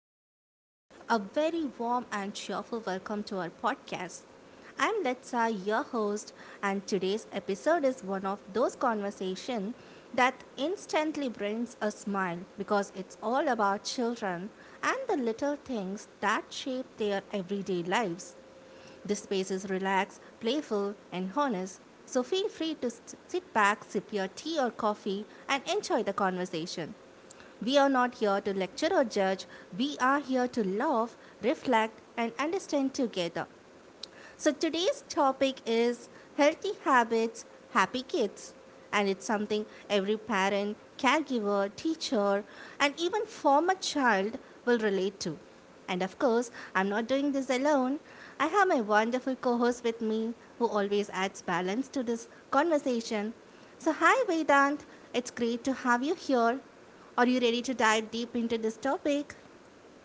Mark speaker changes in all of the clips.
Speaker 1: the world. A very warm and cheerful welcome to our podcast. I'm Letsa, your host, and today's episode is one of those conversations that instantly brings a smile because it's all about children and the little things that shape their everyday lives. The space is relaxed, playful, and honest, so feel free to sit back, sip your tea or coffee, and enjoy the conversation. We are not here to lecture or judge, we are here to love, reflect, and understand together. So today's topic is healthy habits, happy kids. And it's something every parent, caregiver, teacher, and even former child will relate to. And of course, I'm not doing this alone. I have my wonderful co host with me who always adds balance to this conversation. So, hi Vedant, it's great to have you here. Are you ready to dive deep into this topic?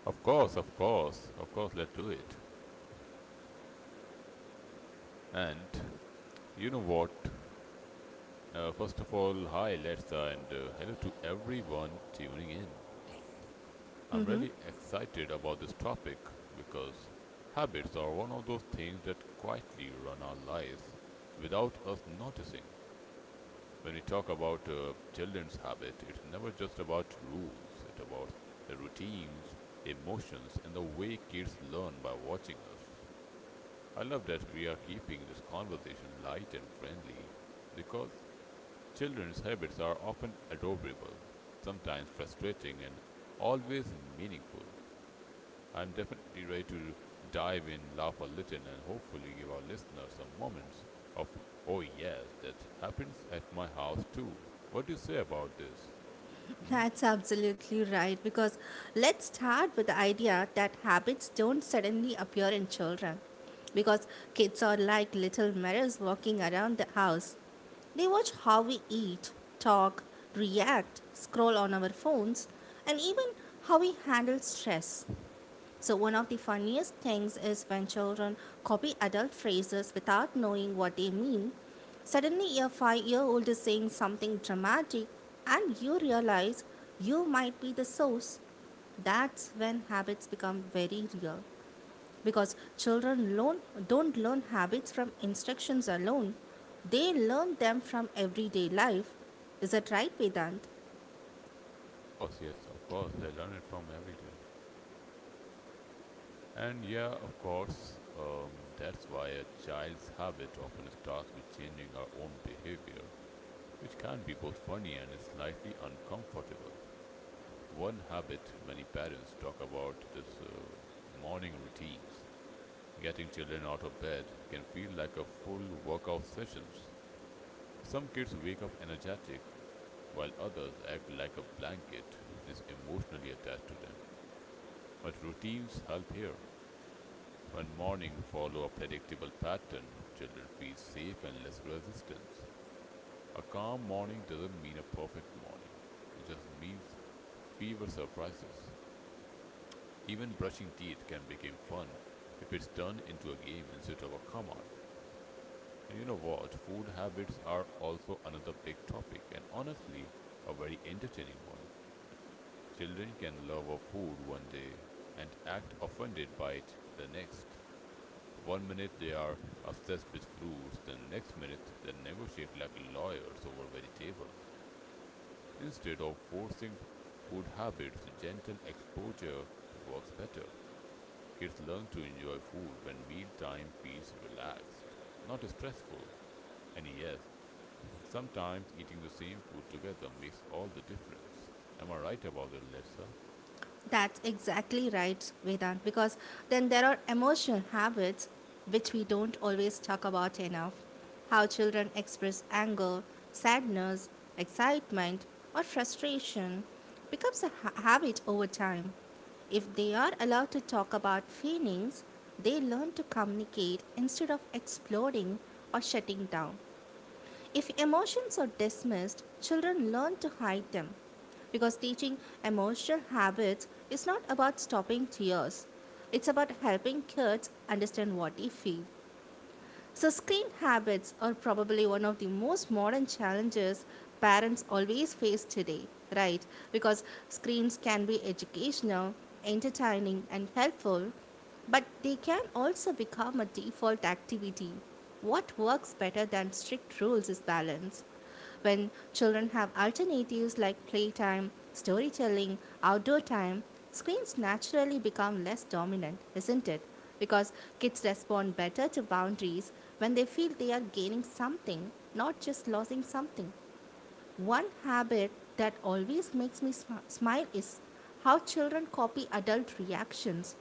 Speaker 2: Of course, of course, of course, let's do it. And you know what? First of all, hi, let and hello to everyone tuning in. I'm really excited about this topic because habits are one of those things that quietly run our lives without us noticing. When we talk about children's habit, it's never just about rules, it's about routines, emotions, and the way kids learn by watching us. I love that we are keeping this conversation light and friendly because children's habits are often adorable, sometimes frustrating, and always meaningful. I'm definitely ready to dive in, laugh a little, and hopefully give our listeners some moments of, oh yes, that happens at my house too. What do you say about this? Hmm?
Speaker 1: That's absolutely right because let's start with the idea that habits don't suddenly appear in children because kids are like little mirrors walking around the house. They watch how we eat, talk, react, scroll on our phones, and even how we handle stress. So, one of the funniest things is when children copy adult phrases without knowing what they mean. Suddenly, a 5 year old is saying something dramatic, and you realize you might be the source. That's when habits become very real because children learn, don't learn habits from instructions alone, they learn them from everyday life. Is that right, Vedant?
Speaker 2: Of course, yes, of course, they learn it from every day. And yeah, of course, that's why a child's habit often starts with changing our own behavior, which can be both funny and slightly uncomfortable. One habit many parents talk about is morning routines. Getting children out of bed can feel like a full workout sessions. Some kids wake up energetic, while others act like a blanket is emotionally attached to them. But routines help here. When morning follow a predictable pattern, children feel safe and less resistance. A calm morning doesn't mean a perfect morning. It just means fewer surprises. Even brushing teeth can become fun if it's turned into a game instead of a command. And you know what? Food habits are also another big topic, and honestly, a very entertaining one. Children can love a food one day and act offended by it the next. One minute they are obsessed with fruits, the next minute they negotiate like lawyers over vegetables. Instead of forcing food habits, gentle exposure works better. Kids learn to enjoy food when mealtime feels relaxed, not stressful. And yes, sometimes eating the same food together makes all the difference. Am I right about that, Letsa?
Speaker 1: That's exactly right, Vedant, because then there are emotional habits which we don't always talk about enough. How children express anger, sadness, excitement, or frustration becomes a habit over time. If they are allowed to talk about feelings, they learn to communicate instead of exploding or shutting down. If emotions are dismissed, children learn to hide them. Because teaching emotional habits is not about stopping tears, it's about helping kids understand what they feel. So, screen habits are probably one of the most modern challenges parents always face today, right? Because screens can be educational, entertaining, and helpful, but they can also become a default activity. What works better than strict rules is balance. When children have alternatives like playtime, storytelling, outdoor time, screens naturally become less dominant, isn't it? Because kids respond better to boundaries when they feel they are gaining something, not just losing something. One habit that always makes me smile is how children copy adult reactions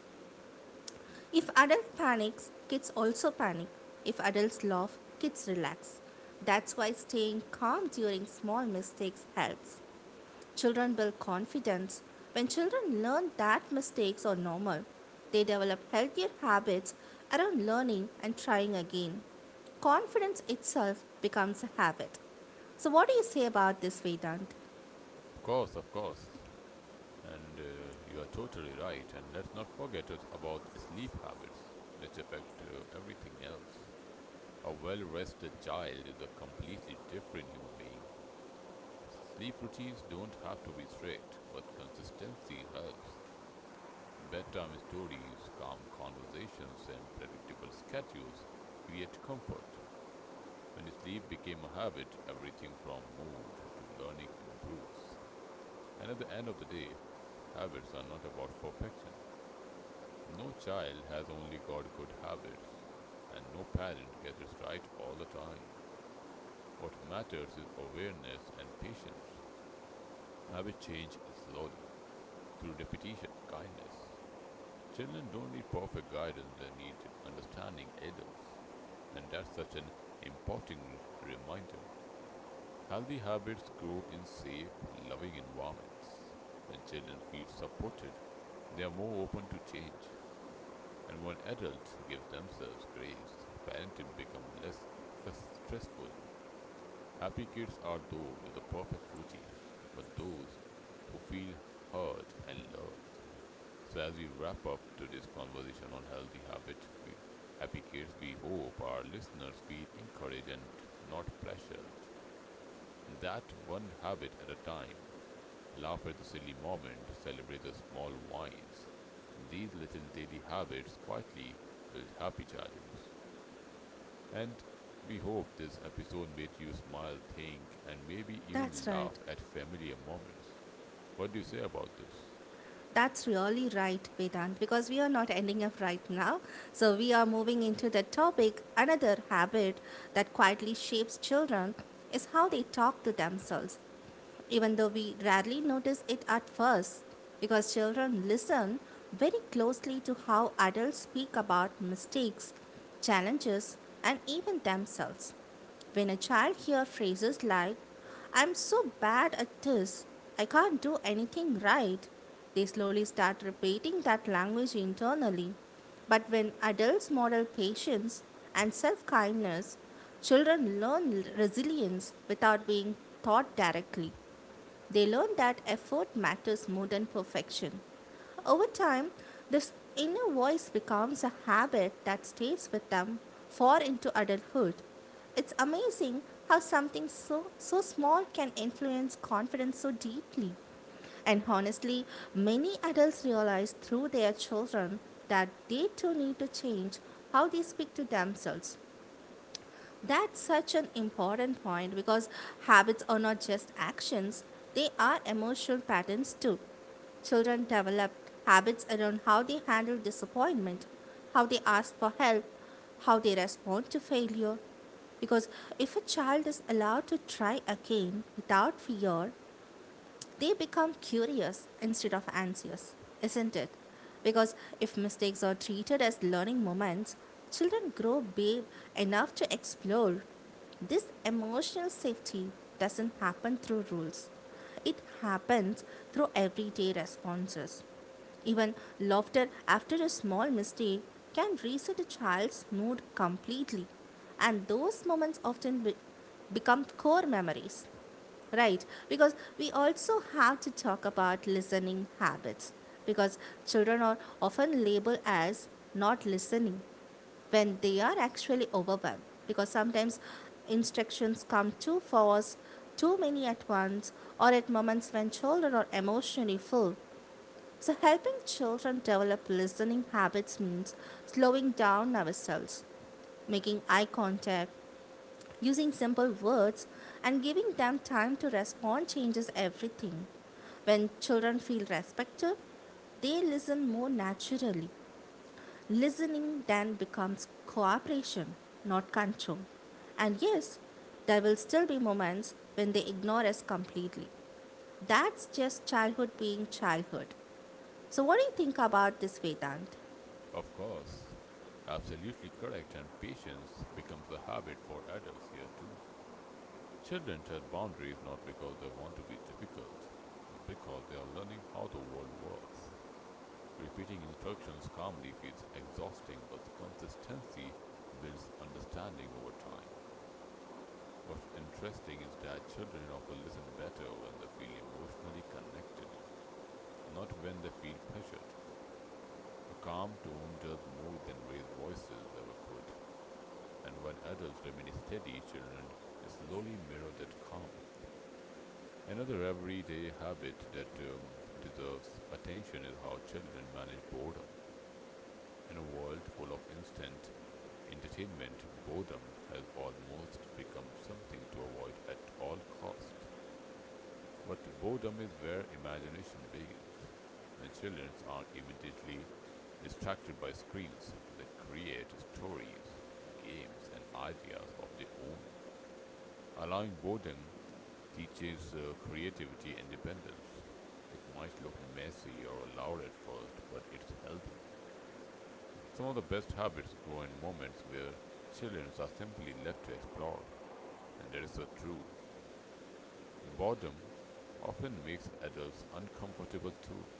Speaker 1: if adult panics, kids also panic. If adults laugh, kids relax. That's why staying calm during small mistakes helps. Children build confidence. When children learn that mistakes are normal, they develop healthier habits around learning and trying again. Confidence itself becomes a habit. So, what do you say about this, Vedant?
Speaker 2: Of course, of course. And you are totally right. And let's not forget us about sleep habits, which affect everything else. A well rested child is a completely different human being. Sleep routines don't have to be strict, but consistency helps. Bedtime stories, calm conversations, and predictable schedules create comfort. When sleep became a habit, everything from mood to learning improves. And at the end of the day, habits are not about perfection. No child has only got good habits, and no parent gets it right all the time. What matters is awareness and patience. Habit change is slowly, through repetition, kindness. Children don't need perfect guidance, they need understanding adults. And that's such an important reminder. Healthy habits grow in safe, loving environments. When children feel supported, they are more open to change, and when adults give themselves grace, parenting becomes less stressful. Happy kids are those with the perfect routines, but those who feel heard and loved. So, as we wrap up today's conversation on healthy habit, we, happy kids, we hope our listeners feel encouraged and not pressured. That one habit at a time, laugh at the silly moment, celebrate the small wins. These little daily habits quietly build happy childhoods. And we hope this episode made you smile, think, and maybe even
Speaker 1: That's right.
Speaker 2: laugh at familiar moments. What do you say about this?
Speaker 1: That's really right, Vedant, because we are not ending up right now. So we are moving into the topic. Another habit that quietly shapes children is how they talk to themselves even though we rarely notice it at first, because children listen very closely to how adults speak about mistakes, challenges, and even themselves. When a child hears phrases like, I'm so bad at this, I can't do anything right, they slowly start repeating that language internally. But when adults model patience and self kindness, children learn resilience without being taught directly. They learn that effort matters more than perfection. Over time, this inner voice becomes a habit that stays with them far into adulthood. It's amazing how something so, so small can influence confidence so deeply. And honestly, many adults realize through their children that they too need to change how they speak to themselves. That's such an important point because habits are not just actions, they are emotional patterns too. Children develop habits around how they handle disappointment, how they ask for help, how they respond to failure. Because if a child is allowed to try again without fear, they become curious instead of anxious, isn't it? Because if mistakes are treated as learning moments, children grow big enough to explore. This emotional safety doesn't happen through rules, it happens through everyday responses. Even laughter after a small mistake can reset a child's mood completely, and those moments often become core memories right because we also have to talk about listening habits because children are often labeled as not listening when they are actually overwhelmed because sometimes instructions come too fast too many at once or at moments when children are emotionally full so helping children develop listening habits means slowing down ourselves making eye contact Using simple words and giving them time to respond changes everything. When children feel respected, they listen more naturally. Listening then becomes cooperation, not control. And yes, there will still be moments when they ignore us completely. That's just childhood being childhood. So, what do you think about this, Vedant?
Speaker 2: Of course, absolutely correct, and patience becomes a habit for adults here too. Children set boundaries not because they want to be difficult, but because they are learning how the world works. Repeating instructions calmly feels exhausting, but consistency builds understanding over time. What's interesting is that children often listen better when they feel emotionally connected, not when they feel pressured. A calm tone does more than raised voices ever could, and when adults remain steady, children slowly mirror that calm. Another everyday habit that deserves attention is how children manage boredom. In a world full of instant entertainment, boredom has almost become something to avoid at all cost. But boredom is where imagination begins. When children are immediately distracted by screens, they create stories, games, and ideas of their own. Allowing boredom teaches creativity and independence. It might look messy or loud at first, but it's healthy. Some of the best habits grow in moments where children are simply left to explore, and that is so true. Boredom often makes adults uncomfortable too.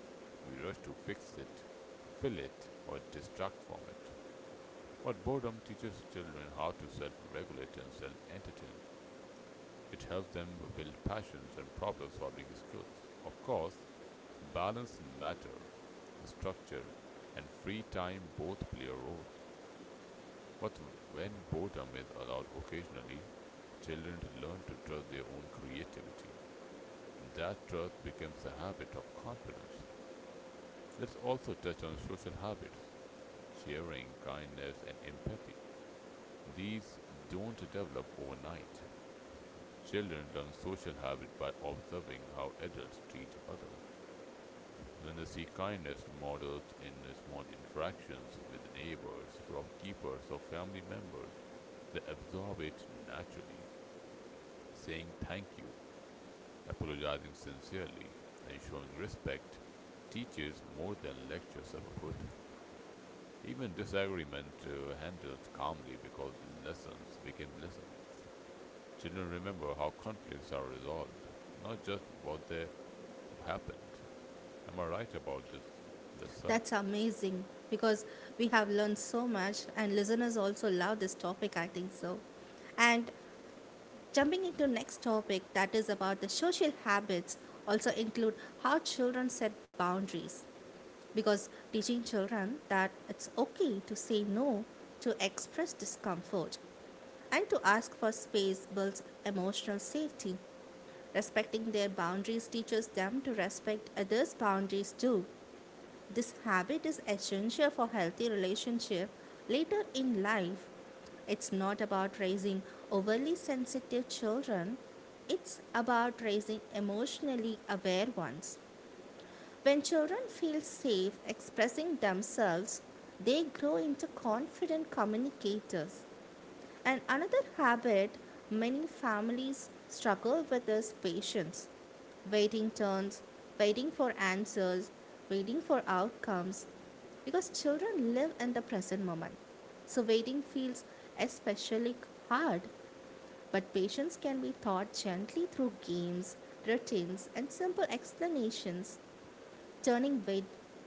Speaker 2: We rush to fix it, fill it, or distract from it. But boredom teaches children how to self regulate and self entertain. It helps them build passions and problem solving skills. Of course, balance matter, structure, and free time both play a role. But when boredom is allowed occasionally, children learn to trust their own creativity. That trust becomes a habit of confidence. Let's also touch on social habits, sharing, kindness, and empathy. These don't develop overnight. Children learn social habits by observing how adults treat others. When they see kindness modeled in small interactions with neighbors, shopkeepers, or family members, they absorb it naturally. Saying thank you, apologizing sincerely, and showing respect teaches more than lectures ever could. Even disagreement handled calmly, because lessons became lessons. Children remember how conflicts are resolved, not just what they have happened. Am I right about this, Dessa?
Speaker 1: That's amazing because we have learned so much and listeners also love this topic I think so. And jumping into next topic that is about the social habits also include how children set boundaries because teaching children that it's okay to say no to express discomfort and to ask for space builds emotional safety. Respecting their boundaries teaches them to respect others' boundaries too this habit is essential for healthy relationship later in life. It's not about raising overly sensitive children, it's about raising emotionally aware ones. When children feel safe expressing themselves, they grow into confident communicators. And another habit many families struggle with is patience. Waiting turns, waiting for answers, waiting for outcomes. Because children live in the present moment. So waiting feels especially hard. But patience can be taught gently through games, routines, and simple explanations. Turning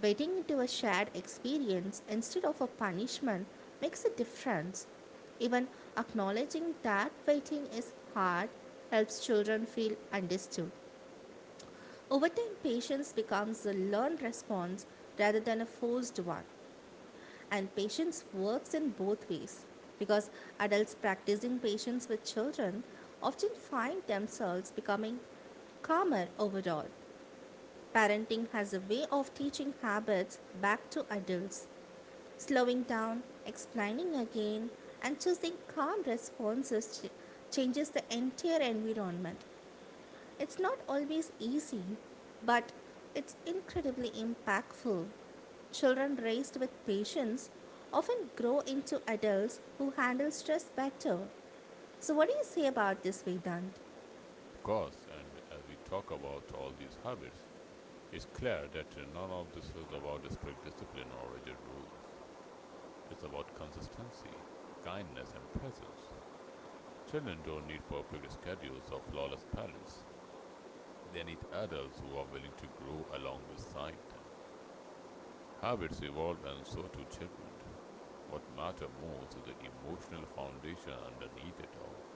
Speaker 1: waiting into a shared experience instead of a punishment makes a difference. Even acknowledging that waiting is hard helps children feel understood. Over time, patience becomes a learned response rather than a forced one. And patience works in both ways because adults practicing patience with children often find themselves becoming calmer overall. Parenting has a way of teaching habits back to adults, slowing down, explaining again, and choosing calm responses changes the entire environment. It's not always easy, but it's incredibly impactful. Children raised with patience often grow into adults who handle stress better. So, what do you say about this, Vedant?
Speaker 2: Of course, and as we talk about all these habits, it's clear that none of this is about strict discipline or rigid rules. It's about consistency, kindness, and presence. Children don't need perfect schedules or flawless parents. They need adults who are willing to grow alongside them. Habits evolve, and so do children. What matters most is the emotional foundation underneath it all.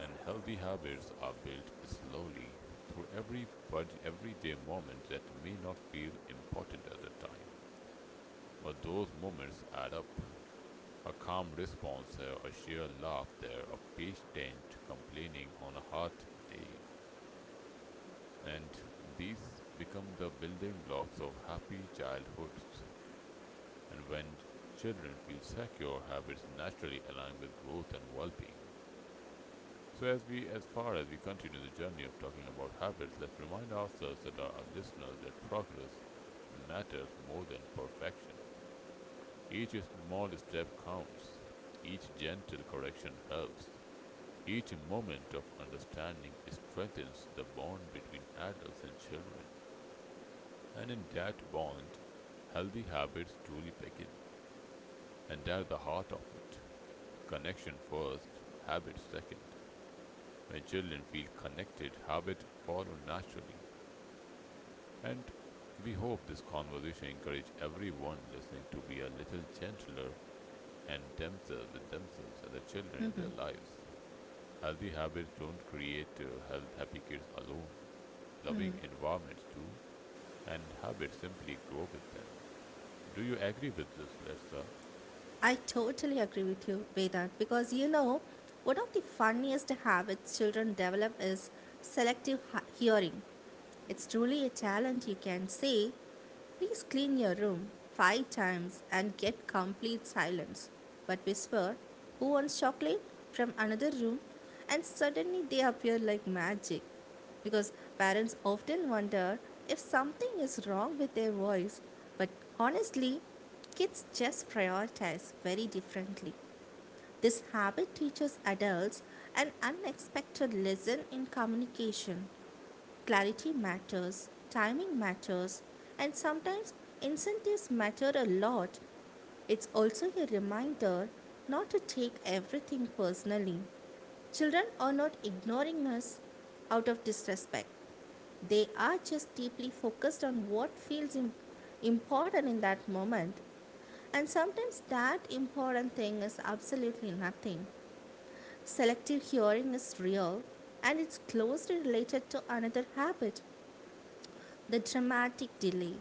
Speaker 2: And healthy habits are built slowly through every everyday moment that may not feel important at the time, but those moments add up. A calm response here, a sheer laugh there, a patient complaining on a hot day. And these become the building blocks of happy childhoods. And when children feel secure, habits naturally align with growth and well being. So as far as we continue the journey of talking about habits, let's remind ourselves, that our listeners, that progress matters more than perfection. Each small step counts. Each gentle correction helps. Each moment of understanding strengthens the bond between adults and children, and in that bond, healthy habits truly begin. And at the heart of it, connection first, habit second. When children feel connected, habits follow naturally. And we hope this conversation encourages everyone listening to be a little gentler, and themselves with themselves and the children in their lives. Healthy habits don't create health happy kids alone. Loving environments too, and habits simply grow with them. Do you agree with this, Letsa?
Speaker 1: I totally agree with you, Vedant, because you know, one of the funniest habits children develop is selective hearing. It's truly a talent, you can say, please clean your room 5 times and get complete silence. But whisper, who wants chocolate? From another room, and suddenly they appear like magic. Because parents often wonder if something is wrong with their voice, but honestly, kids just prioritize very differently. This habit teaches adults an unexpected lesson in communication. Clarity matters, timing matters, and sometimes incentives matter a lot. It's also a reminder not to take everything personally. Children are not ignoring us out of disrespect. They are just deeply focused on what feels important in that moment, and sometimes that important thing is absolutely nothing. Selective hearing is real and it's closely related to another habit the dramatic delay.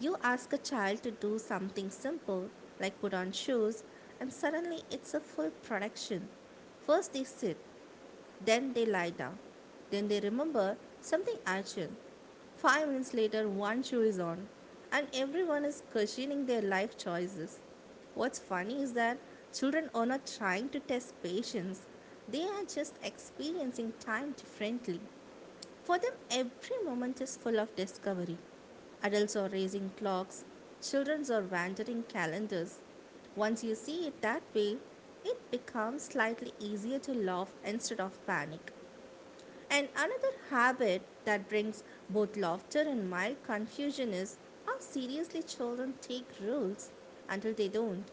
Speaker 1: You ask a child to do something simple, like put on shoes, and suddenly it's a full production. First they sit, then they lie down, then they remember something urgent. 5 minutes later, one shoe is on, and everyone is questioning their life choices. What's funny is that children are not trying to test patience, they are just experiencing time differently. For them, every moment is full of discovery. Adults are raising clocks, children are wandering calendars. Once you see it that way, it becomes slightly easier to laugh instead of panic. And another habit that brings both laughter and mild confusion is how seriously children take rules until they don't.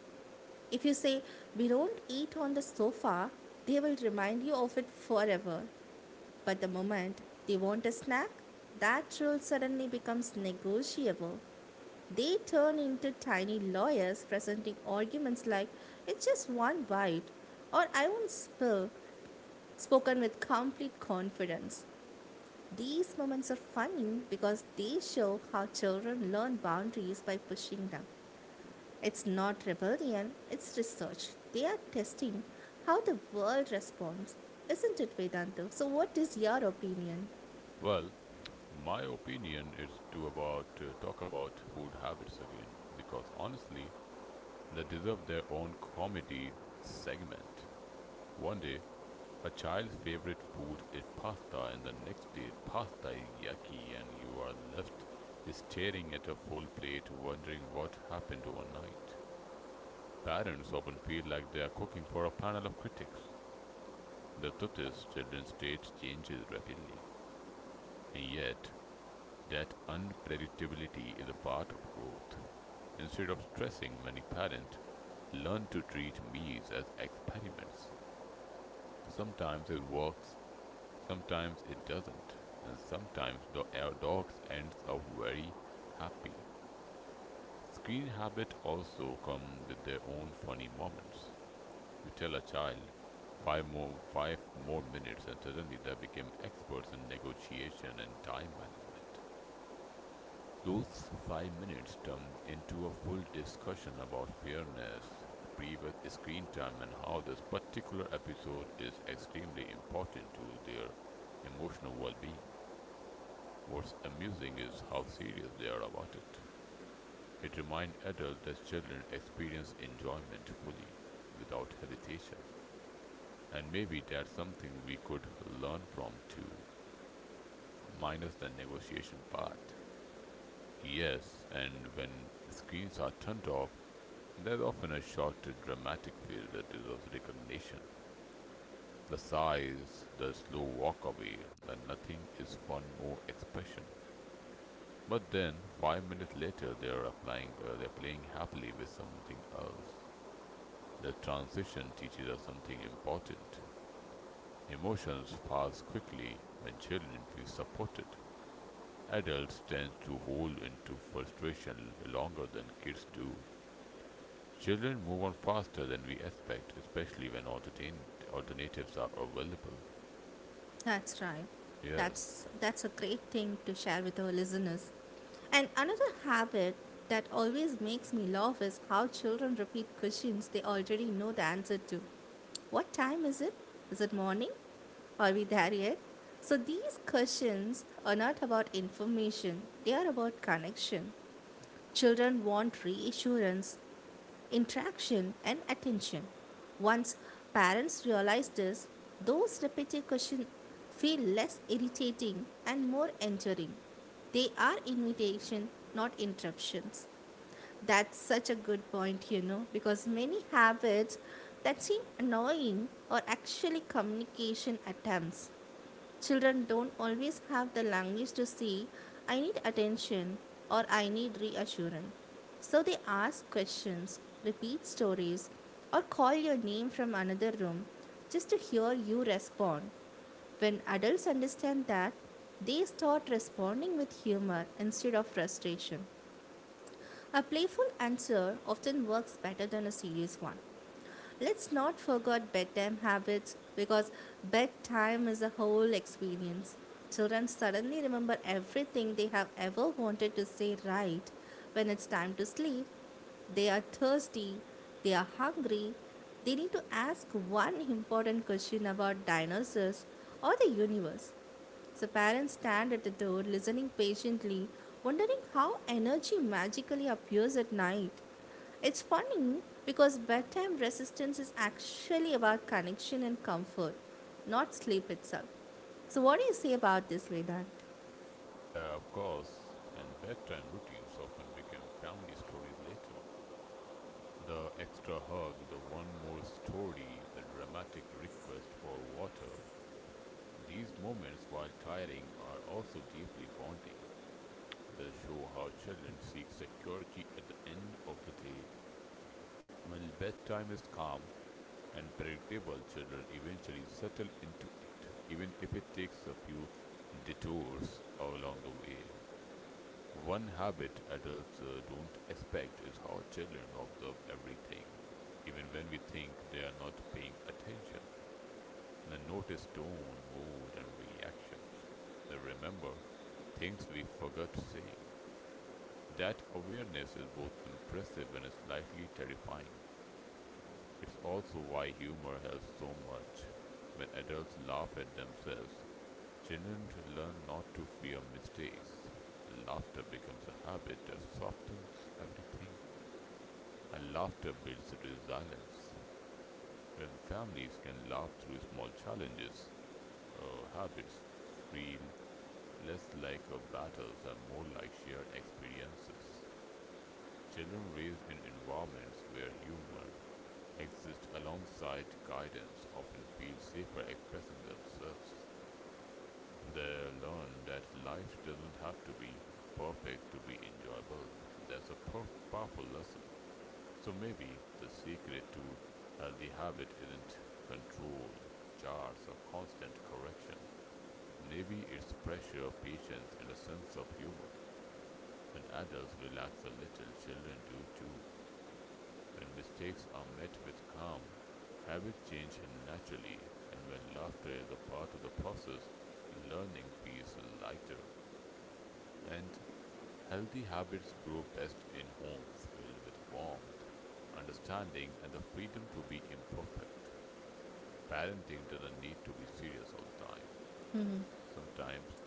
Speaker 1: If you say, we don't eat on the sofa, they will remind you of it forever. But the moment they want a snack, that rule suddenly becomes negotiable. They turn into tiny lawyers presenting arguments like, it's just one bite, or I won't spill, spoken with complete confidence. These moments are funny because they show how children learn boundaries by pushing them. It's not rebellion, it's research. They are testing how the world responds. Isn't it, Vedantu? So, what is your opinion?
Speaker 2: Well, my opinion is to about talk about food habits again, because honestly, they deserve their own comedy segment. One day, a child's favorite food is pasta, and the next day, pasta is yucky, and you are left staring at a full plate, wondering what happened overnight. Parents often feel like they are cooking for a panel of critics. The truth is, children's traits change rapidly, and yet that unpredictability is a part of growth. Instead of stressing, many parents learn to treat meals as experiments. Sometimes it works, sometimes it doesn't, and sometimes the our dogs ends up very happy. Screen habit also come with their own funny moments. You tell a child five more minutes, and suddenly they become experts in negotiation and time management. Those 5 minutes turn into a full discussion about fairness, previous screen time, and how this particular episode is extremely important to their emotional well-being. What's amusing is how serious they are about it. It reminds adults that children experience enjoyment fully, without hesitation. And maybe that's something we could learn from too, minus the negotiation part. Yes, and when screens are turned off, there's often a short, dramatic feel that deserves recognition. The sighs, the slow walk away, the nothing is fun more expression. But then, 5 minutes later, they're playing happily with something else. The transition teaches us something important. Emotions pass quickly when children feel supported. Adults tend to hold into frustration longer than kids do. Children move on faster than we expect, especially when alternatives are available.
Speaker 1: That's right.
Speaker 2: Yes.
Speaker 1: That's a great thing to share with our listeners. And another habit that always makes me laugh is how children repeat questions they already know the answer to. What time is it? Is it morning? Are we there yet? So these questions are not about information, they are about connection. Children want reassurance, interaction, and attention. Once parents realize this, those repetitive questions feel less irritating and more enduring. They are invitation, not interruptions. That's such a good point, you know, because many habits that seem annoying are actually communication attempts. Children don't always have the language to say, I need attention or I need reassurance. So they ask questions, repeat stories, or call your name from another room just to hear you respond. When adults understand that, they start responding with humor instead of frustration. A playful answer often works better than a serious one. Let's not forget bedtime habits because bedtime is a whole experience. Children suddenly remember everything they have ever wanted to say right when it's time to sleep. They are thirsty, they are hungry, they need to ask one important question about dinosaurs or the universe. The parents stand at the door listening patiently, wondering how energy magically appears at night. It's funny because bedtime resistance is actually about connection and comfort, not sleep itself. So, what do you say about this, Vedant?
Speaker 2: Yeah, of course. And bedtime routines often became family stories later. The extra hug, the one more story, the dramatic request for water. These moments, while tiring, are also deeply bonding. They show how children seek security at the end of the day. When bedtime is calm and predictable, children eventually settle into it, even if it takes a few detours along the way. One habit adults don't expect is how children observe everything, even when we think they are not paying attention. They notice tone, mood, and reactions. They remember things we forgot saying. That awareness is both impressive and slightly terrifying. It's also why humor helps so much. When adults laugh at themselves, children learn not to fear mistakes. Laughter becomes a habit that softens everything, and laughter builds resilience. When families can laugh through small challenges, habits feel less like a battles and more like shared experiences. Children raised in environments where humor exist alongside guidance often feel safer expressing themselves. They learn that life doesn't have to be perfect to be enjoyable. That's a powerful lesson. So maybe the secret to healthy habit isn't control, charts, or constant correction. Maybe it's pressure, patience, and a sense of humor. When adults relax a little, children do too. When mistakes are met with calm, habits change naturally, and when laughter is a part of the process, learning feels lighter. And healthy habits grow best in homes filled with warmth, understanding, and the freedom to be imperfect. Parenting doesn't need to be serious all the time. Sometimes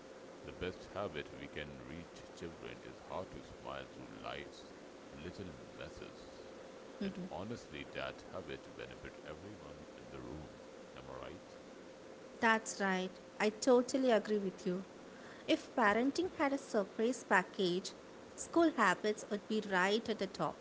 Speaker 2: the best habit we can reach children is how to smile through life's little messes. And honestly, that habit benefits everyone in the room. Am I right?
Speaker 1: That's right. I totally agree with you. If parenting had a surprise package, school habits would be right at the top.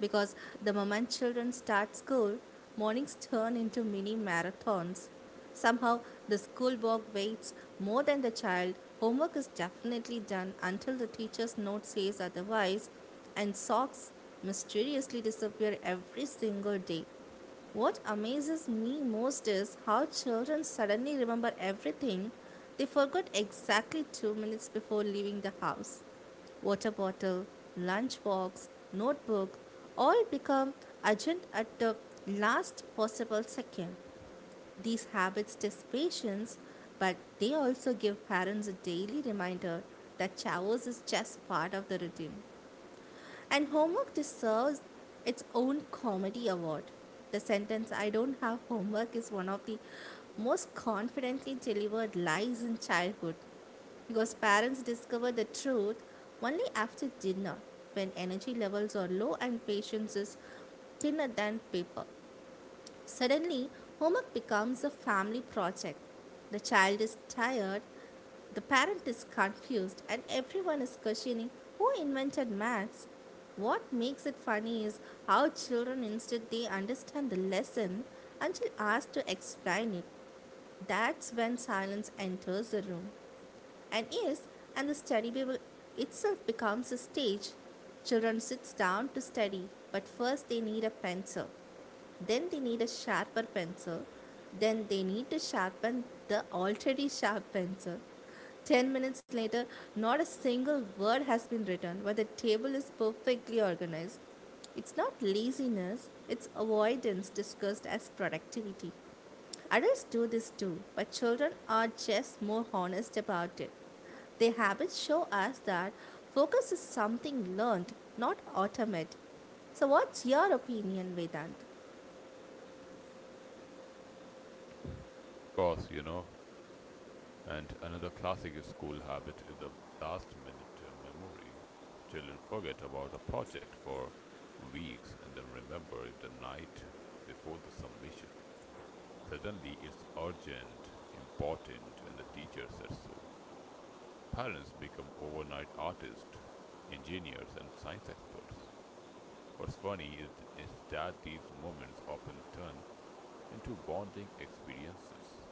Speaker 1: Because the moment children start school, mornings turn into mini marathons. Somehow, the school work waits more than the child. Homework is definitely done until the teacher's note says otherwise, and socks mysteriously disappear every single day. What amazes me most is how children suddenly remember everything they forgot exactly 2 minutes before leaving the house. Water bottle, lunchbox, notebook all become urgent at the last possible second. These habits test patience, but they also give parents a daily reminder that showers is just part of the routine. And homework deserves its own comedy award. The sentence, I don't have homework, is one of the most confidently delivered lies in childhood because parents discover the truth only after dinner when energy levels are low and patience is thinner than paper. Suddenly, homework becomes a family project. The child is tired, the parent is confused, and everyone is questioning who invented maths. What makes it funny is how children instead they understand the lesson until asked to explain it. That's when silence enters the room and is, and the study Bible itself becomes a stage. Children sit down to study, but first they need a pencil. Then they need a sharper pencil. Then they need to sharpen the already sharp pencil. 10 minutes later, not a single word has been written, but the table is perfectly organized. It's not laziness, it's avoidance discussed as productivity. Adults do this too, but children are just more honest about it. Their habits show us that focus is something learned, not automatic. So, what's your opinion, Vedant?
Speaker 2: Of course, you know. And another classic school habit is the last minute memory. Children forget about a project for weeks and then remember it the night before the submission. Suddenly, it's urgent, important, and the teacher says so. Parents become overnight artists, engineers, and science experts. What's funny is that these moments often turn into bonding experiences.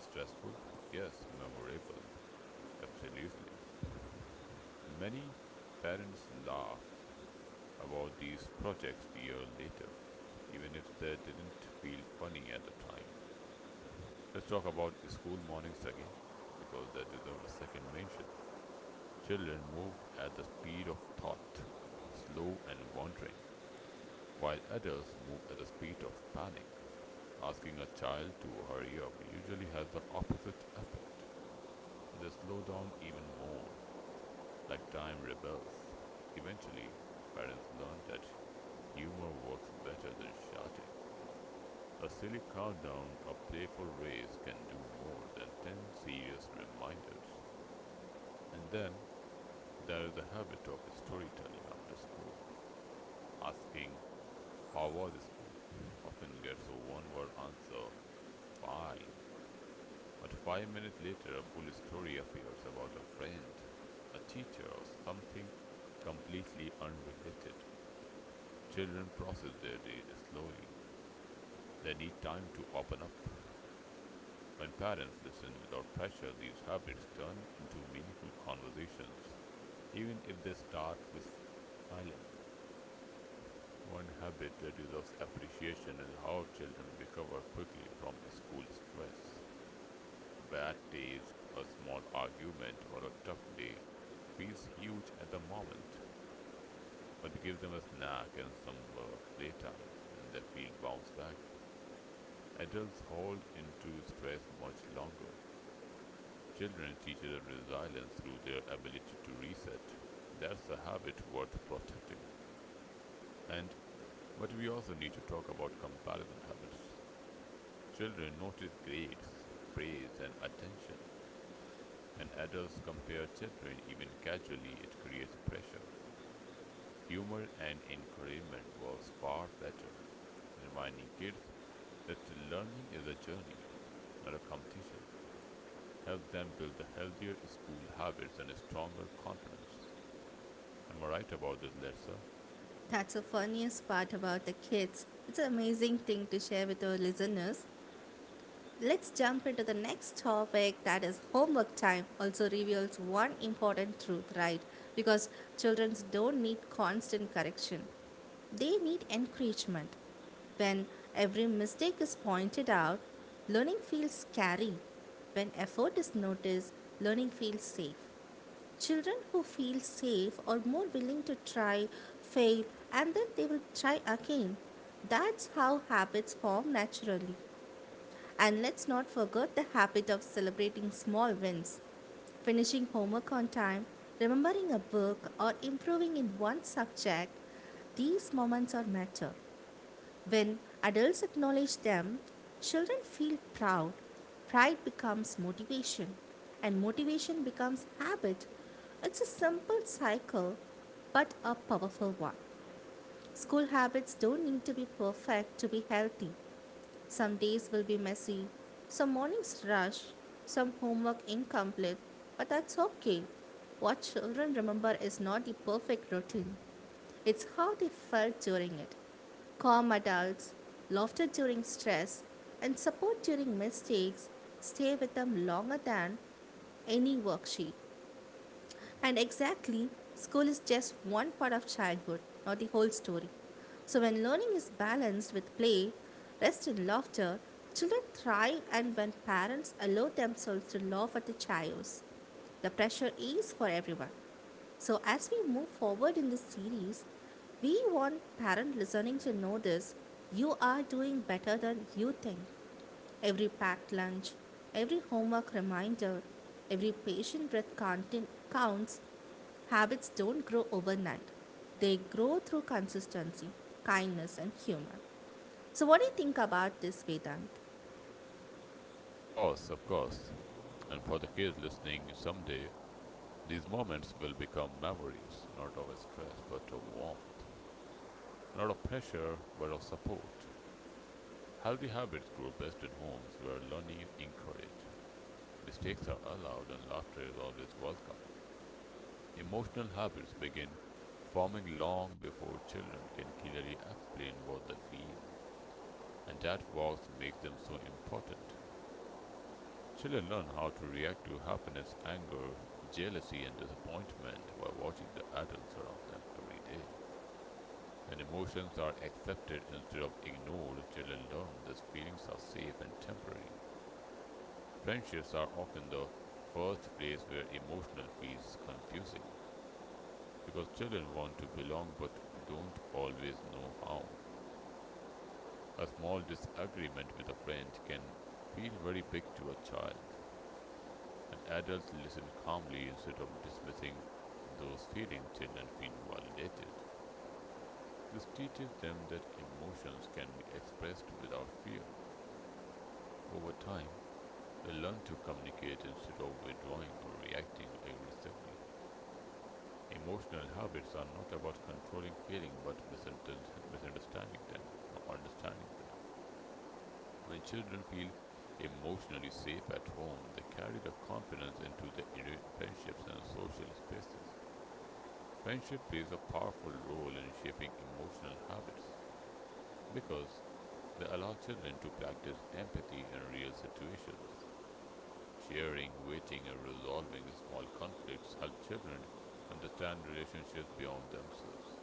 Speaker 2: Stressful? Yes. Memorable? Absolutely. Many parents laugh about these projects year later, even if they didn't feel funny at the time. Let's talk about school mornings again, because they deserve a second mention. Children move at the speed of thought, slow and wandering, while adults move at the speed of panic. Asking a child to hurry up usually has the opposite effect. They slow down even more, like time rebels. Eventually, parents learn that humor works better than shouting. A silly countdown or playful race can do more than 10 serious reminders. And then there is the habit of storytelling after school. Asking, "How was school?" often gets a one word answer, "Fine." But 5 minutes later, a full story appears about a friend, a teacher, or something completely unrelated. Children process their day slowly. They need time to open up. When parents listen without pressure, these habits turn into meaningful conversations, even if they start with silence. One habit that deserves appreciation is how children recover quickly from school stress. A bad taste, a small argument, or a tough day feels huge at the moment, but give them a snack and some playtime, and they feel bounce back. Adults hold into stress much longer. Children teach their resilience through their ability to reset. That's a habit worth protecting. And but we also need to talk about comparison habits. Children notice grades, praise, and attention. When adults compare children, even casually, it creates pressure. Humor and encouragement works far better, reminding kids that learning is a journey, not a competition. Helps them build the healthier school habits and a stronger confidence. Am I right about this, Lersa?
Speaker 1: That's the funniest part about the kids. It's an amazing thing to share with our listeners. Let's jump into the next topic that is homework time also reveals one important truth, right? Because children don't need constant correction. They need encouragement. When every mistake is pointed out, learning feels scary. When effort is noticed, learning feels safe. Children who feel safe are more willing to try, fail, and then they will try again. That's how habits form naturally. And let's not forget the habit of celebrating small wins. Finishing homework on time, remembering a book, or improving in one subject, these moments are matter. When adults acknowledge them, children feel proud. Pride becomes motivation, and motivation becomes habit. It's a simple cycle, but a powerful one. School habits don't need to be perfect to be healthy. Some days will be messy, some mornings rush, some homework incomplete, but that's okay. What children remember is not the perfect routine, it's how they felt during it. Calm adults, laughter during stress, and support during mistakes stay with them longer than any worksheet. And exactly, school is just one part of childhood, not the whole story. So when learning is balanced with play, rest and laughter, children thrive, and when parents allow themselves to laugh at the chaos, the pressure is for everyone. So, as we move forward in this series, we want parent listening to know this: you are doing better than you think. Every packed lunch, every homework reminder, every patient breath counting counts. Habits don't grow overnight. They grow through consistency, kindness, and humor. So, what do you think about this, Vedant?
Speaker 2: Of course, of course. And for the kids listening, someday these moments will become memories, not of stress, but of warmth. Not of pressure, but of support. Healthy habits grow best in homes where learning is encouraged. Mistakes are allowed and laughter is always welcome. Emotional habits begin forming long before children can clearly explain what they feel, and that voice makes them so important. Children learn how to react to happiness, anger, jealousy, and disappointment by watching the adults around them every day. When emotions are accepted instead of ignored, children learn that feelings are safe and temporary. Friendships are often the first place where emotional feels confusing because children want to belong but don't always know how. A small disagreement with a friend can feel very big to a child. When adults listen calmly instead of dismissing those feelings, children feel validated. This teaches them that emotions can be expressed without fear. Over time, they learn to communicate instead of withdrawing or reacting aggressively. Emotional habits are not about controlling feelings but misunderstanding them or understanding them. When children feel emotionally safe at home, they carry the confidence into their friendships and social spaces. Friendship plays a powerful role in shaping emotional habits because they allow children to practice empathy in real situations. Sharing, waiting, and resolving small conflicts help children understand relationships beyond themselves.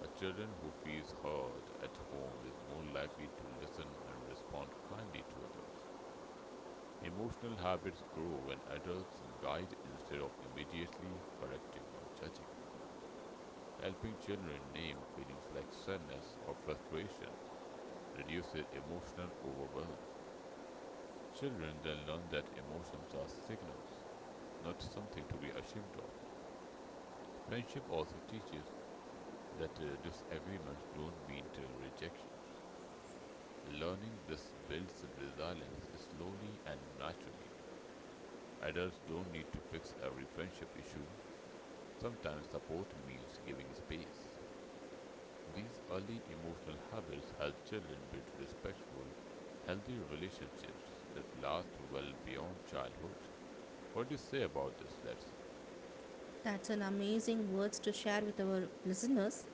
Speaker 2: A child who feels heard at home is more likely to listen and respond kindly to others. Emotional habits grow when adults guide instead of immediately correcting or judging. Helping children name feelings like sadness or frustration reduces emotional overwhelm. Children then learn that emotions are signals, not something to be ashamed of. Friendship also teaches that disagreements don't mean rejections. Learning this builds resilience slowly and naturally. Adults don't need to fix every friendship issue. Sometimes support means giving space. These early emotional habits help children build respectful, healthy relationships that last well beyond childhood. What do you say about this, Letsa?
Speaker 1: That's an amazing words to share with our listeners.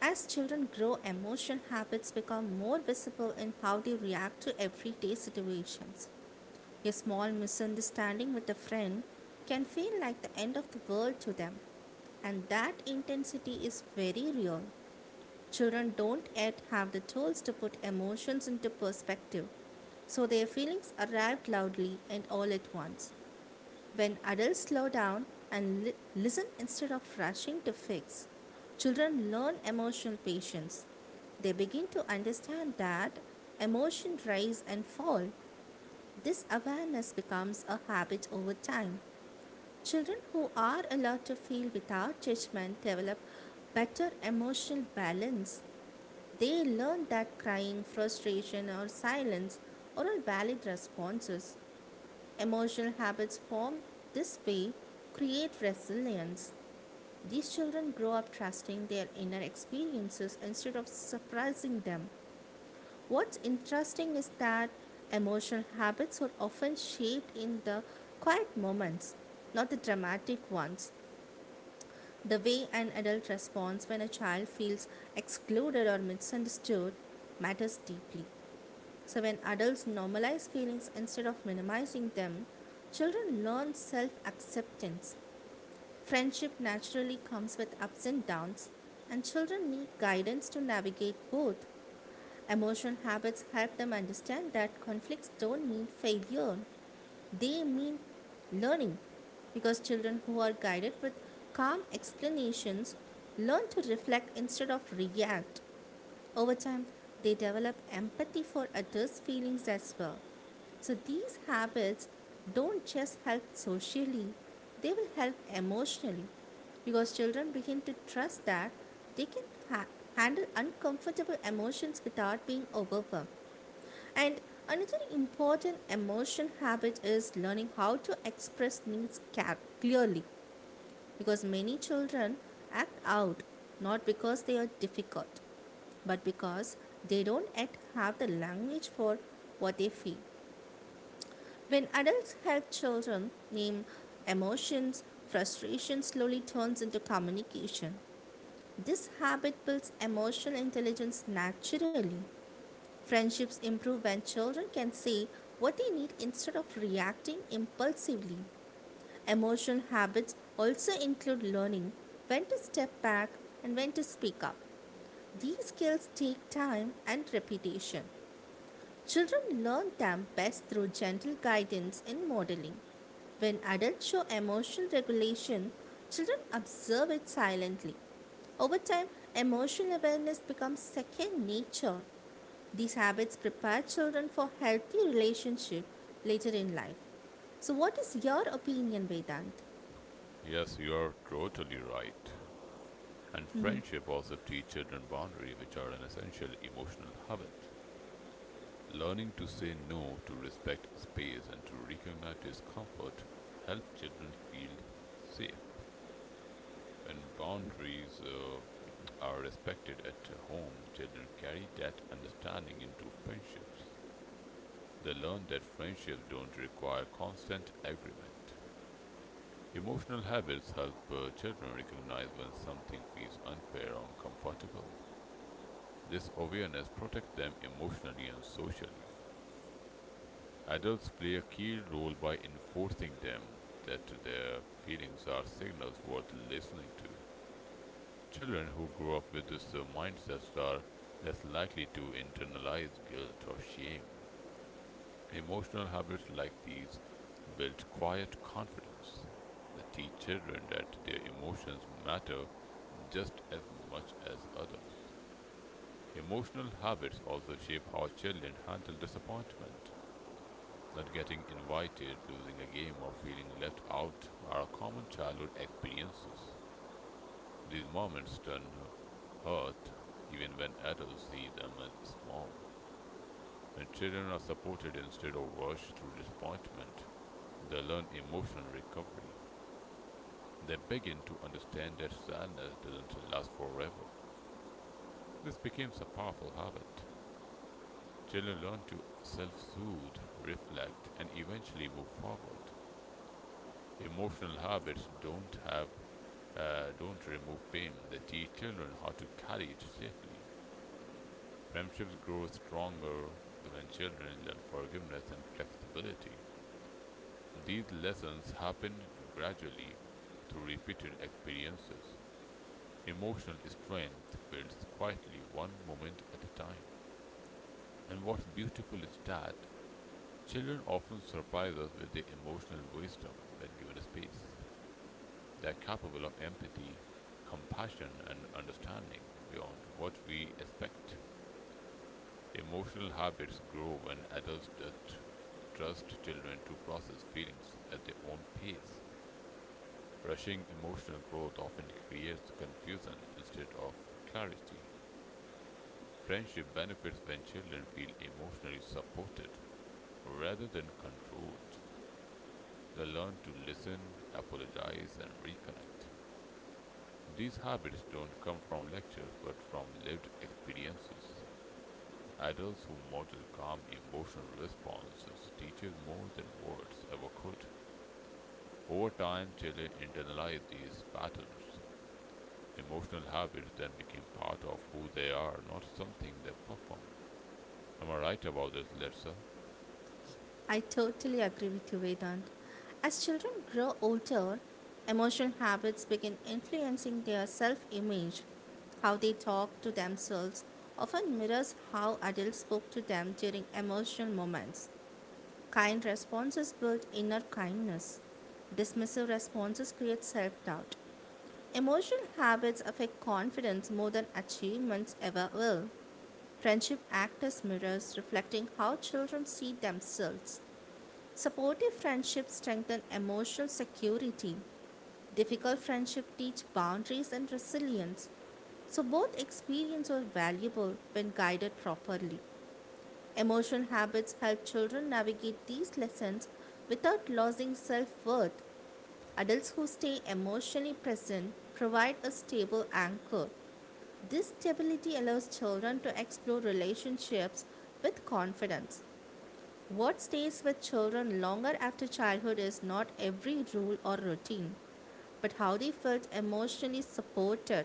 Speaker 1: As children grow, emotional habits become more visible in how they react to everyday situations. A small misunderstanding with a friend can feel like the end of the world to them, and that intensity is very real. Children don't yet have the tools to put emotions into perspective, so their feelings arrive loudly and all at once. When adults slow down and listen instead of rushing to fix, children learn emotional patience. They begin to understand that emotion rise and fall. This awareness becomes a habit over time. Children who are allowed to feel without judgment develop better emotional balance. They learn that crying, frustration, or silence are all valid responses. Emotional habits formed this way create resilience. These children grow up trusting their inner experiences instead of suppressing them. What's interesting is that emotional habits are often shaped in the quiet moments, not the dramatic ones. The way an adult responds when a child feels excluded or misunderstood matters deeply. So, when adults normalize feelings instead of minimizing them, children learn self acceptance. Friendship naturally comes with ups and downs, and children need guidance to navigate both. Emotional habits help them understand that conflicts don't mean failure, they mean learning. Because children who are guided with calm explanations learn to reflect instead of react. Over time, they develop empathy for others' feelings as well. So these habits don't just help socially, they will help emotionally because children begin to trust that they can ha- handle uncomfortable emotions without being overwhelmed. And another important emotion habit is learning how to express needs clearly, because many children act out not because they are difficult but because they don't yet have the language for what they feel. When adults help children name emotions, frustration slowly turns into communication. This habit builds emotional intelligence naturally. Friendships improve when children can say what they need instead of reacting impulsively. Emotional habits also include learning when to step back and when to speak up. These skills take time and repetition. Children learn them best through gentle guidance and modeling. When adults show emotional regulation, children observe it silently. Over time, emotional awareness becomes second nature. These habits prepare children for healthy relationship later in life. So what is your opinion, Vedant?
Speaker 2: Yes, you are totally right. And friendship also teaches children boundaries, which are an essential emotional habit. Learning to say no, to respect space, and to recognize discomfort help children feel safe. When boundaries are respected at home, children carry that understanding into friendships. They learn that friendships don't require constant agreement. Emotional habits help children recognize when something feels unfair or uncomfortable. This awareness protects them emotionally and socially. Adults play a key role by enforcing them that their feelings are signals worth listening to. Children who grow up with this mindset are less likely to internalize guilt or shame. Emotional habits like these build quiet confidence. They teach children that their emotions matter just as much as others. Emotional habits also shape how children handle disappointment. Not getting invited, losing a game, or feeling left out are common childhood experiences. These moments turn hurt even when adults see them as small. When children are supported instead of rushed through disappointment, they learn emotional recovery. They begin to understand that sadness doesn't last forever. This becomes a powerful habit. Children learn to self soothe, reflect, and eventually move forward. Emotional habits don't have Don't remove pain. They teach children how to carry it safely. Friendships grow stronger when children learn forgiveness and flexibility. These lessons happen gradually through repeated experiences. Emotional strength builds quietly, one moment at a time. And what's beautiful is that children often surprise us with their emotional wisdom when given a space. They are capable of empathy, compassion, and understanding beyond what we expect. Emotional habits grow when adults just trust children to process feelings at their own pace. Rushing emotional growth often creates confusion instead of clarity. Friendship benefits when children feel emotionally supported rather than controlled. They learn to listen, apologize, and reconnect. These habits don't come from lectures but from lived experiences. Adults who model calm emotional responses teach more than words ever could. Over time, children internalize these patterns. Emotional habits then became part of who they are, not something they perform. Am I right about this, Letsa?
Speaker 1: I totally agree with you, Vedant. As children grow older, emotional habits begin influencing their self image. How they talk to themselves often mirrors how adults spoke to them during emotional moments. Kind responses build inner kindness. Dismissive responses create self doubt. Emotional habits affect confidence more than achievements ever will. Friendship act as mirrors reflecting how children see themselves. Supportive friendships strengthen emotional security. Difficult friendships teach boundaries and resilience. So both experiences are valuable when guided properly. Emotional habits help children navigate these lessons without losing self-worth. Adults who stay emotionally present provide a stable anchor. This stability allows children to explore relationships with confidence. What stays with children longer after childhood is not every rule or routine, but how they felt emotionally supported.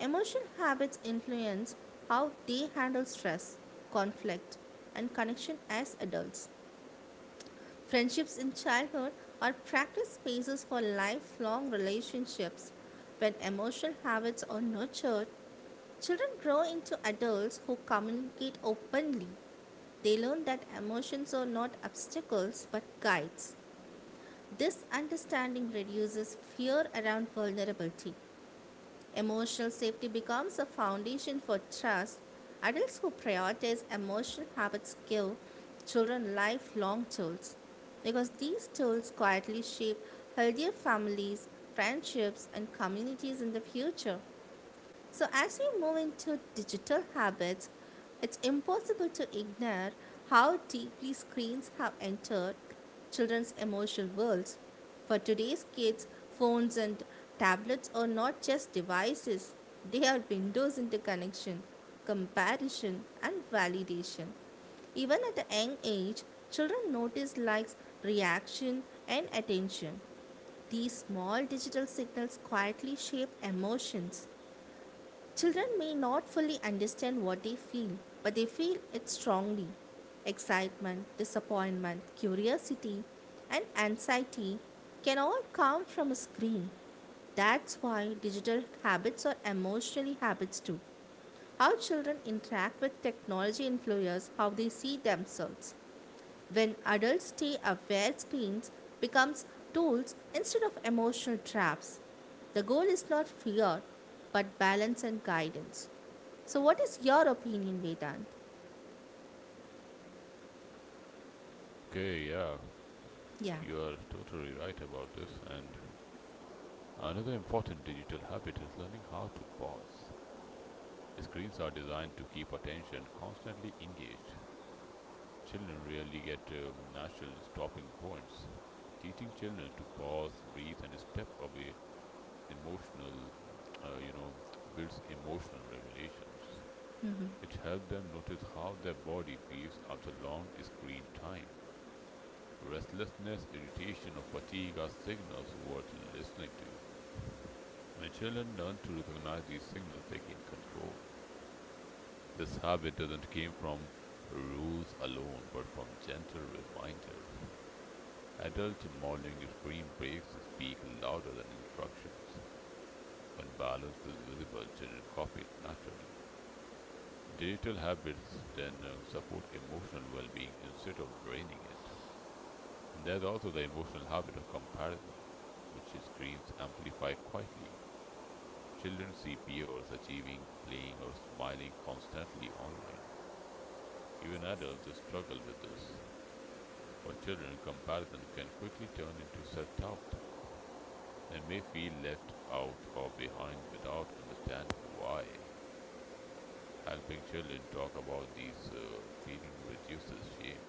Speaker 1: Emotional habits influence how they handle stress, conflict, and connection as adults. Friendships in childhood are practice spaces for lifelong relationships. When emotional habits are nurtured, children grow into adults who communicate openly. They learn that emotions are not obstacles but guides. This understanding reduces fear around vulnerability. Emotional safety becomes a foundation for trust. Adults who prioritize emotional habits give children lifelong tools because these tools quietly shape healthier families, friendships, and communities in the future. So, as we move into digital habits, it's impossible to ignore how deeply screens have entered children's emotional worlds. For today's kids, phones and tablets are not just devices, they are windows into connection, comparison, and validation. Even at a young age, children notice likes, reaction, and attention. These small digital signals quietly shape emotions. Children may not fully understand what they feel, but they feel it strongly. Excitement, disappointment, curiosity, and anxiety can all come from a screen. That's why digital habits are emotionally habits too. How children interact with technology influences how they see themselves. When adults stay aware, screens becomes tools instead of emotional traps. The goal is not fear, but balance and guidance. So, what is your opinion, Vedant?
Speaker 2: Okay, yeah,
Speaker 1: Yeah.
Speaker 2: you are totally right about this, and another important digital habit is learning how to pause. Screens are designed to keep attention constantly engaged. Children rarely get natural stopping points. Teaching children to pause, breathe, and step away emotional, uh, you know, builds emotional regulations.
Speaker 1: Hmm.
Speaker 2: It helps them notice how their body feels after long screen time. Restlessness, irritation, or fatigue are signals worth listening to. When children learn to recognize these signals, they gain control. This habit doesn't come from rules alone, but from gentle reminders. Adult modeling screen breaks speak louder than instructions. When balance is visible, children copy it naturally. Digital habits then support emotional well being instead of draining it. And there's also the emotional habit of comparison, which screens amplify quietly. Children see peers achieving, playing, or smiling constantly online. Even adults struggle with this. For children, comparison can quickly turn into self doubt. They may feel left out or behind without understanding why. Helping children talk about these feelings reduces shame.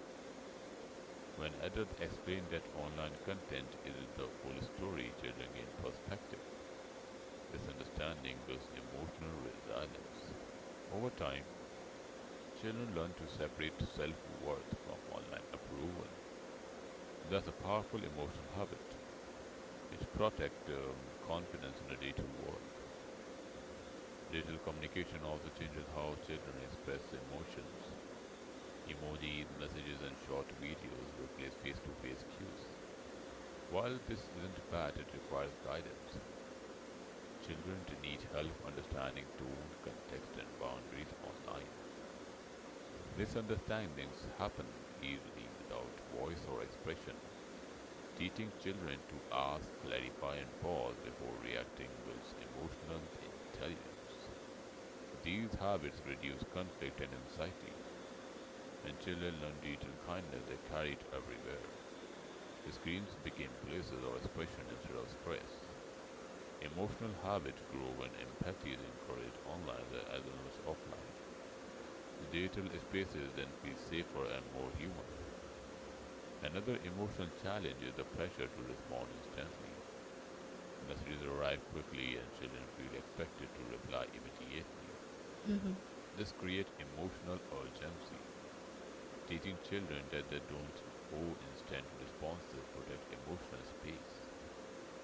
Speaker 2: When adults explain that online content is the full story, children gain perspective. This understanding builds emotional resilience. Over time, children learn to separate self worth from online approval. That's a powerful emotional habit. It protects confidence in a digital world. Digital communication also changes how children express emotions. Emoji messages and short videos replace face to face cues. While this isn't bad, it requires guidance. Children need help understanding tone, context, and boundaries online. Misunderstandings happen easily without voice or expression. Teaching children to ask, clarify, and pause before reacting builds emotional intelligence. These habits reduce conflict and anxiety. When children learn digital kindness, they carry it everywhere. Screens became places of expression instead of stress. Emotional habits grow when empathy is encouraged online as well as offline. The digital spaces then feel safer and more human. Another emotional challenge is the pressure to respond instantly. Messages arrive quickly and children feel expected to reply immediately.
Speaker 1: Hmm.
Speaker 2: This creates emotional urgency. Teaching children that they don't owe instant responses protect emotional space.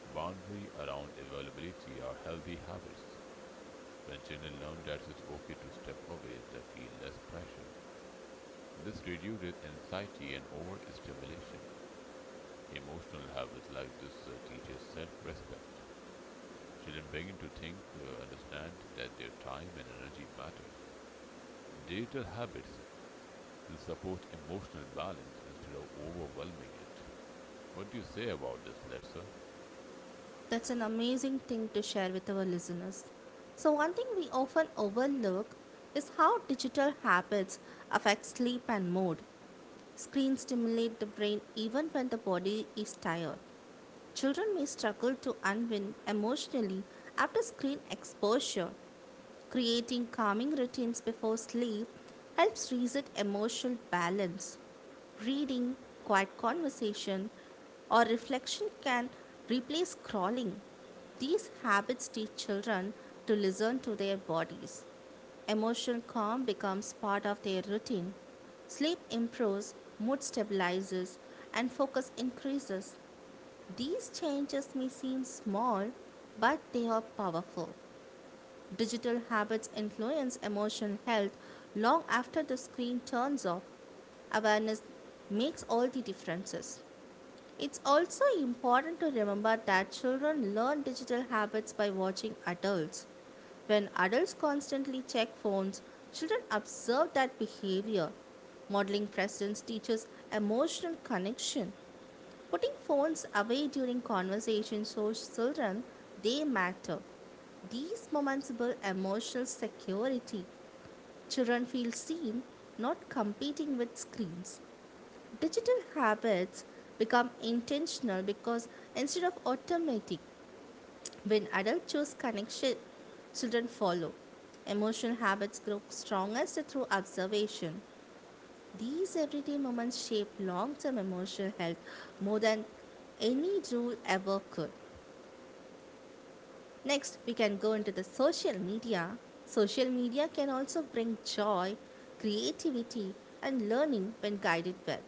Speaker 2: Boundary around availability are healthy habits. When children learn that it's okay to step away, they feel less pressure. This reduces anxiety and overstimulation. Emotional habits like this teaches self-respect. Children begin to think, understand that their time and energy matters. Digital habits support emotional balance instead of overwhelming it. What do you say about this, Letsa?
Speaker 1: That's an amazing thing to share with our listeners. So, one thing we often overlook is how digital habits affect sleep and mood. Screens stimulate the brain even when the body is tired. Children may struggle to unwind emotionally after screen exposure. Creating calming routines before sleep helps reset emotional balance. Reading, quiet conversation, or reflection can replace scrolling. These habits teach children to listen to their bodies. Emotional calm becomes part of their routine. Sleep improves, mood stabilizes, and focus increases. These changes may seem small, but they are powerful. Digital habits influence emotional health long after the screen turns off. Awareness makes all the differences. It's also important to remember that children learn digital habits by watching adults. When adults constantly check phones, children observe that behavior. Modeling presence teaches emotional connection. Putting phones away during conversations shows children they matter. These moments build emotional security. Children feel seen, not competing with screens. Digital habits become intentional because instead of automatic, when adults choose connection, children follow. Emotional habits grow strongest through observation. These everyday moments shape long term emotional health more than any rule ever could. Next, we can go into the social media. Social media can also bring joy, creativity, and learning when guided well.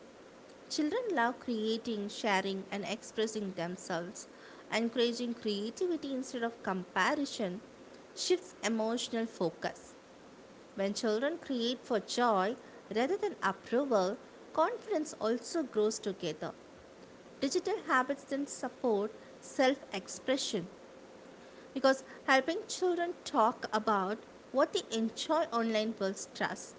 Speaker 1: Children love creating, sharing, and expressing themselves. Encouraging creativity instead of comparison shifts emotional focus. When children create for joy rather than approval, confidence also grows together. Digital habits then support self expression because helping children talk about what they enjoy online builds trust.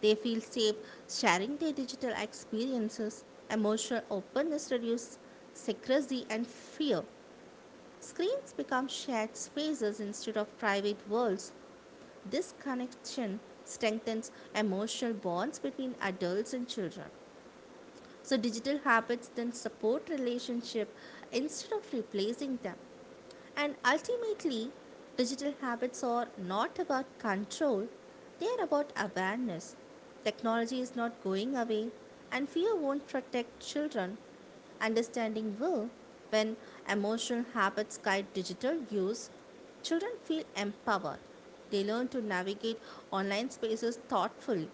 Speaker 1: They feel safe sharing their digital experiences. Emotional openness reduces secrecy and fear. Screens become shared spaces instead of private worlds. This connection strengthens emotional bonds between adults and children. So, digital habits then support relationship instead of replacing them. And ultimately, digital habits are not about control, they are about awareness. Technology is not going away, and fear won't protect children. Understanding will, when emotional habits guide digital use, children feel empowered. They learn to navigate online spaces thoughtfully.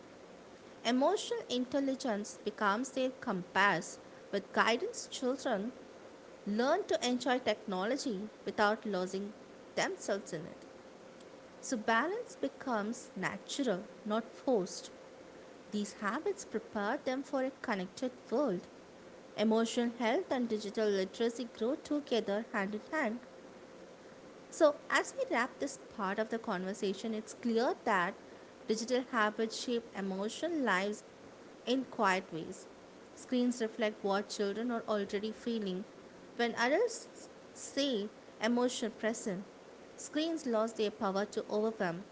Speaker 1: Emotional intelligence becomes their compass. With guidance, children learn to enjoy technology without losing themselves in it. So, balance becomes natural, not forced. These habits prepare them for a connected world. Emotional health and digital literacy grow together hand in hand. So, as we wrap this part of the conversation, it's clear that digital habits shape emotional lives in quiet ways. Screens reflect what children are already feeling. When adults say emotional present, screens lost their power to overcome.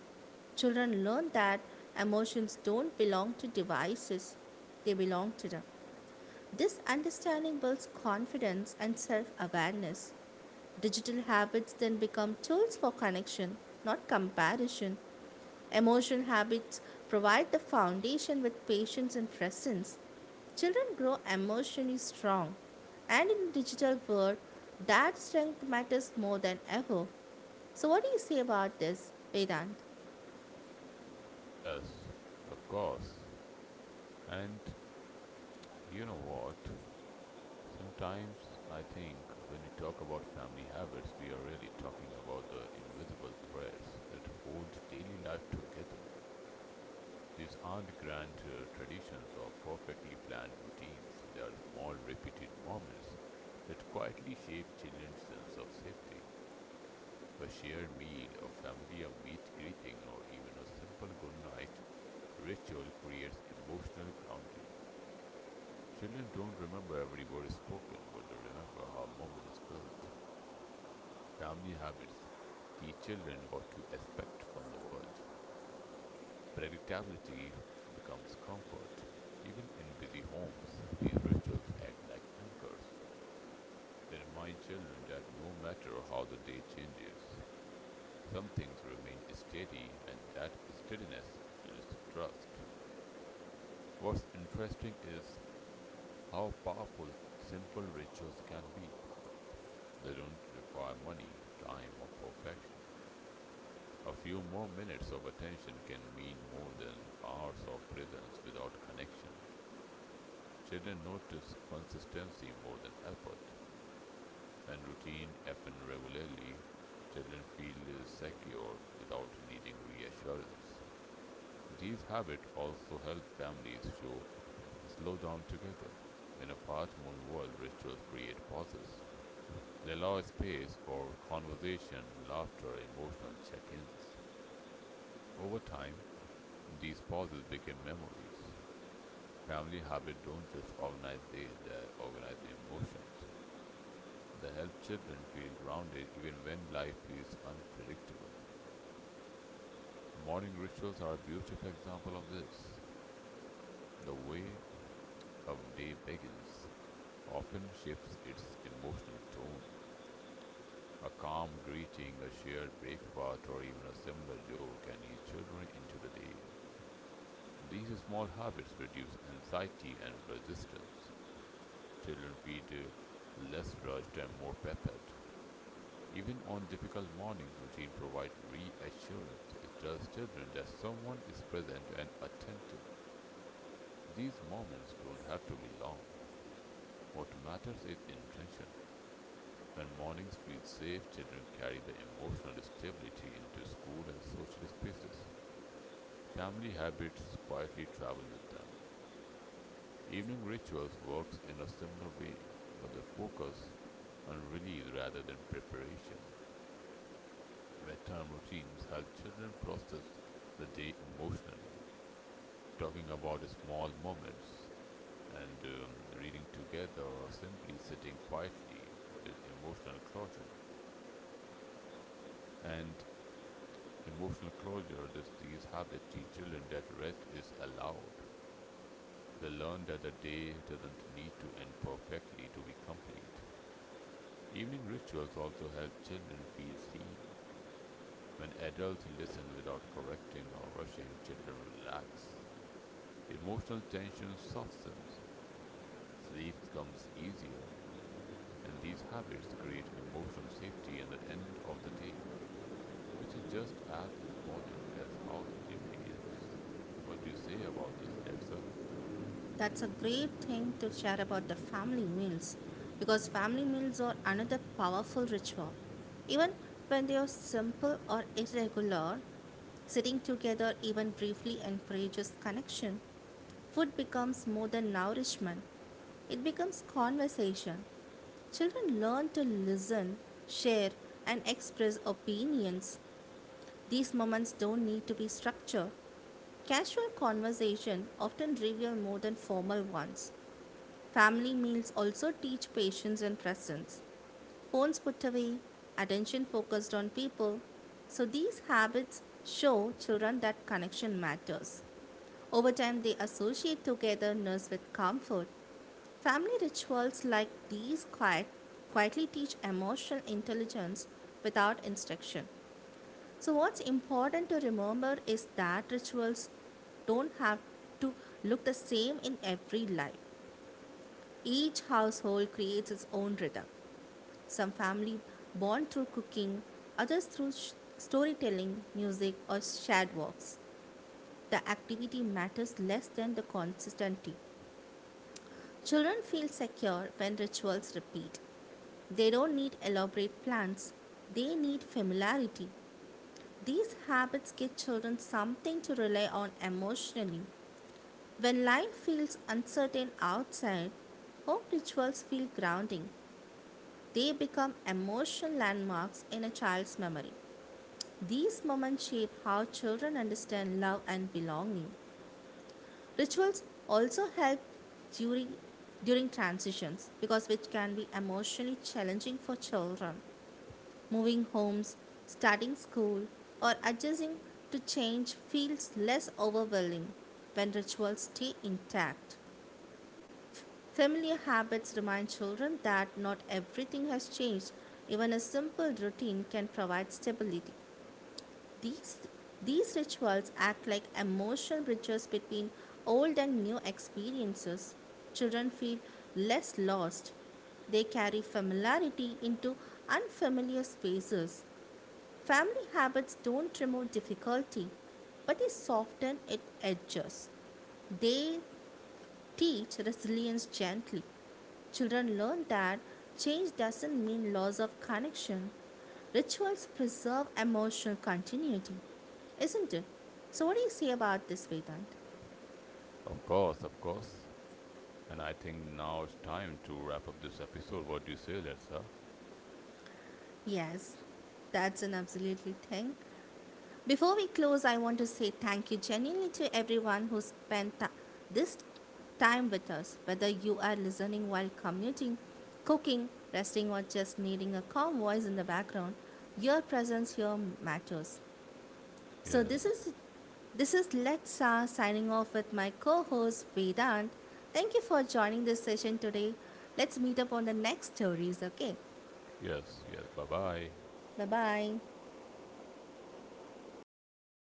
Speaker 1: Children learn that emotions don't belong to devices, they belong to them. This understanding builds confidence and self awareness. Digital habits then become tools for connection, not comparison. Emotional habits provide the foundation with patience and presence. Children grow emotionally strong, and in digital world, that strength matters more than ever. So, what do you say about this, Vedant?
Speaker 2: Yes, of course. And you know what? Sometimes I think when we talk about family habits, we are really talking about the invisible threads that hold daily life together. These aren't grand traditions or perfectly planned routines. They are small, repeated moments that quietly shape children's sense of safety. A shared meal, a familiar meet greeting, or even a simple good night ritual creates emotional grounding. Children don't remember every word spoken, but they remember how moments felt. Family habits teach children what to expect from the world. Predictability becomes comfort. Even in busy homes, these rituals act like anchors. They remind children that no matter how the day changes, some things remain steady and that steadiness builds trust. What's interesting is how powerful simple rituals can be. They don't require money, time, or perfection. A few more minutes of attention can mean more than hours of presence without connection. Children notice consistency more than effort. When routine happen regularly, children feel secure without needing reassurance. These habits also help families show slow down together. In a fast moving world, rituals create pauses. They allow space for conversation, laughter, emotional check ins. Over time, these pauses become memories. Family habits don't just organize days, they organize emotions. They help children feel grounded even when life is unpredictable. Morning rituals are a beautiful example of this. The way a day begins often shifts its emotional tone. A calm greeting, a shared breakfast, or even a similar joke can ease children into the day. These small habits reduce anxiety and resistance. Children feel less rushed and more prepared. Even on difficult mornings, routine provides reassurance. It tells children that someone is present and attentive. These moments don't have to be long. What matters is intention. When mornings feel safe, children carry the emotional stability into school and social spaces. Family habits quietly travel with them. Evening rituals works in a similar way, but the focus on release rather than preparation. Bedtime routines help children process the day emotionally. Talking about small moments and reading together or simply sitting quietly is emotional closure. And emotional closure, these habits teach children that rest is allowed. They learn that the day doesn't need to end perfectly to be complete. Evening rituals also help children feel seen. When adults listen without correcting or rushing, children relax. Emotional tension softens, sleep comes easier, and these habits create emotional safety at the end of the day, which is just as important as how the day begins. What do you say about this, Letsa?
Speaker 1: That's a great thing to share about the family meals because family meals are another powerful ritual. Even when they are simple or irregular, sitting together even briefly encourages connection. Food becomes more than nourishment, it becomes conversation. Children learn to listen, share, and express opinions, these moments don't need to be structured. Casual conversation often reveal more than formal ones. Family meals also teach patience and presence. Phones put away, attention focused on people. So these habits show children that connection matters. Over time, they associate togetherness with comfort. Family rituals like these quietly teach emotional intelligence without instruction. So, what's important to remember is that rituals don't have to look the same in every life. Each household creates its own rhythm. Some family bond through cooking, others through storytelling, music, or shared walks. The activity matters less than the consistency. Children feel secure when rituals repeat. They don't need elaborate plans, they need familiarity. These habits give children something to rely on emotionally. When life feels uncertain outside, home rituals feel grounding. They become emotional landmarks in a child's memory. These moments shape how children understand love and belonging. Rituals also help during during transitions because which can be emotionally challenging for children. Moving homes, starting school, or adjusting to change feels less overwhelming when rituals stay intact. Familiar habits remind children that not everything has changed. Even a simple routine can provide stability. These, these rituals act like emotional bridges between old and new experiences. Children feel less lost. They carry familiarity into unfamiliar spaces. Family habits don't remove difficulty, but they soften its edges. They teach resilience gently. Children learn that change doesn't mean loss of connection. Rituals preserve emotional continuity, isn't it? So, what do you say about this, Vedant?
Speaker 2: Of course, of course. And I think now it's time to wrap up this episode. What do you say, Letsa?
Speaker 1: Yes, that's an absolutely thing. Before we close, I want to say thank you genuinely to everyone who spent this time with us. Whether you are listening while commuting, cooking, resting, or just needing a calm voice in the background, your presence here matters. So this
Speaker 2: Yes,
Speaker 1: is this is Letsa signing off with my co-host Vedant. Thank you for joining this session today. Let's meet up on the next stories. Okay,
Speaker 2: yes. Bye bye.
Speaker 1: bye bye.